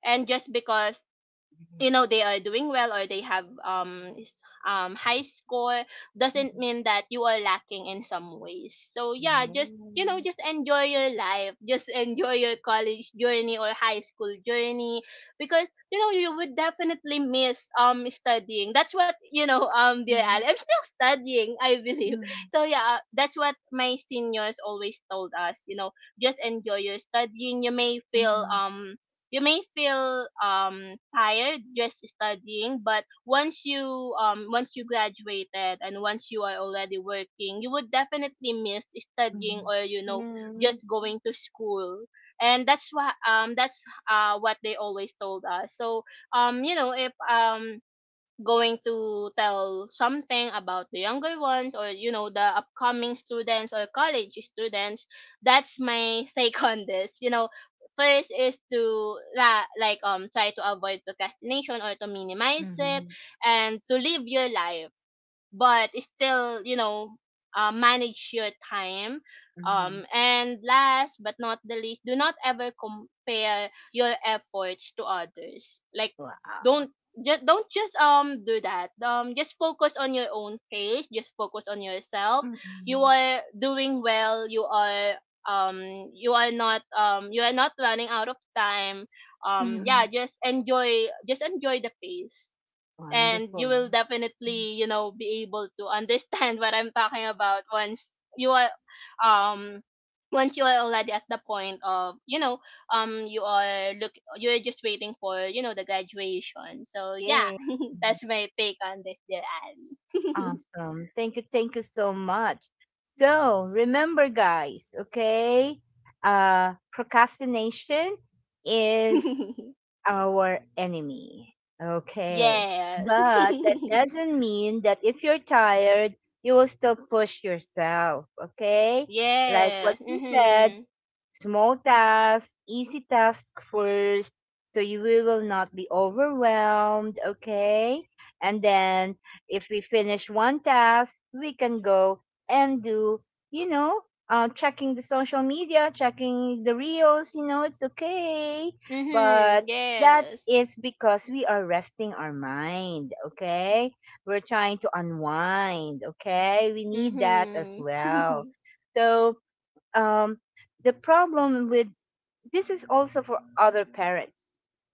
And just because, you know, they are doing well or they have, high score,
Yeah.
doesn't mean that you are lacking in some ways. So yeah, just, you know,
Mhm,
just enjoy your life, just enjoy your college journey or high school journey. Because you know, you would definitely miss studying. That's what, you know, dear
mhm,
Ali, I'm still studying, I believe. So yeah, that's what my seniors always told us, you know. Just enjoy your studying. You may feel,
mhm,
you may feel tired just studying, but once you, once you graduated, and once you are already working, you would definitely miss studying,
mhm.
or you know,
Yeah.
just going to school. And that's why, that's what they always told us. So you know, if going to tell something about the younger ones or, you know, the upcoming students or college students, that's my take on this, you know. First is to try to avoid procrastination or to minimize it,
Mhm,
and to live your life, but still, you know, manage your time.
mhm.
And last but not the least, do not ever compare your efforts to others. Like,
Wow.
don't, just do that. Just focus on your own pace, just focus on yourself. You
Mhm,
are doing well. Um you are not, you are not running out of time. Yeah,
mhm.
just enjoy, just enjoy the pace. And you
Wonderful.
will
Mhm.
definitely, you know, be able to understand what I'm talking about once you are, um once you are already at the point of, you know, you are look you're just waiting for, you know, the graduation. So yeah,
Yeah. Mhm.
that's my take on this, dear Ali.
Awesome. Thank you. Thank you so much. So, remember, guys, okay? Procrastination is our enemy. Okay.
Yes.
But that doesn't mean that if you're tired, you will still push yourself. Okay. Like
Yeah,
what she said,
mhm.
small task, easy task first, so you will not be overwhelmed, okay? And then if we finish one task, we can go and do, you know, checking the social media, checking the reels, it's okay.
Mhm.
But that
Yes.
is because we are resting our mind, okay? We're trying to unwind, okay? We need that as
Mhm.
well. So, um, the problem with this is also for other parents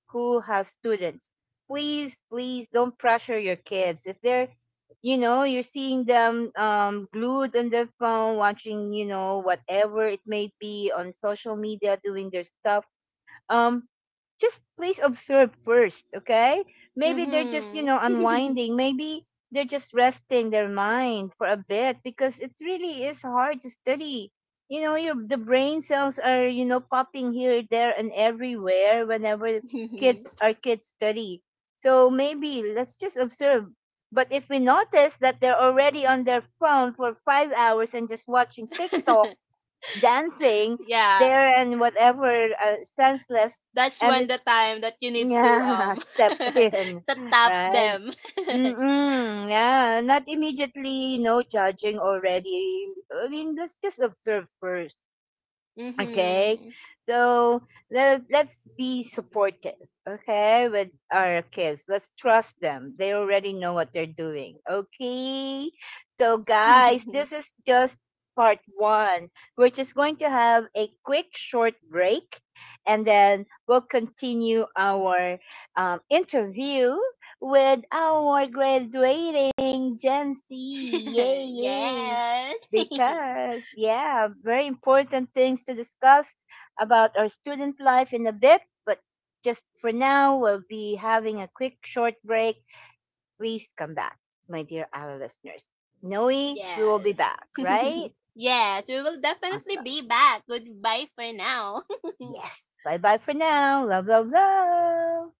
who have students, please, please don't pressure your kids if they're you know you're seeing them, glued on their phone, watching whatever it may be on social media, doing their stuff, um just please observe first, okay? Maybe they're just,
Mhm.
unwinding. Maybe they're just resting their mind for a bit because it really is hard to study. You know, your the brain cells are, popping here, there and everywhere whenever kids our kids study. So maybe let's just observe. But if we notice that they're already on their phone for 5 hours and just watching TikTok, dancing
Yeah,
there and whatever, senseless,
that's
and
when
it's
the time that you need to
yeah, step in,
to tap
right?
them.
Mm-mm, yeah, not immediately. No judging already, I mean, let's just observe first. Okay,
Mhm.
so let's be supportive, okay, with our kids. Let's trust them. They already know what they're doing, okay? So, guys, this is just part one. We're just going to have a quick, short break, and then we'll continue our, interview with our graduating Gen Z. Yay, yay,
Yes.
because, yeah, very important things to discuss about our student life in a bit, but just for now we'll be having a quick short break. Please come back, my dear ala listeners, noe we will be
Yes.
back, right?
Yes, we will definitely
Awesome.
be back. Goodbye for now.
Yes, bye bye for now. Love, love, love.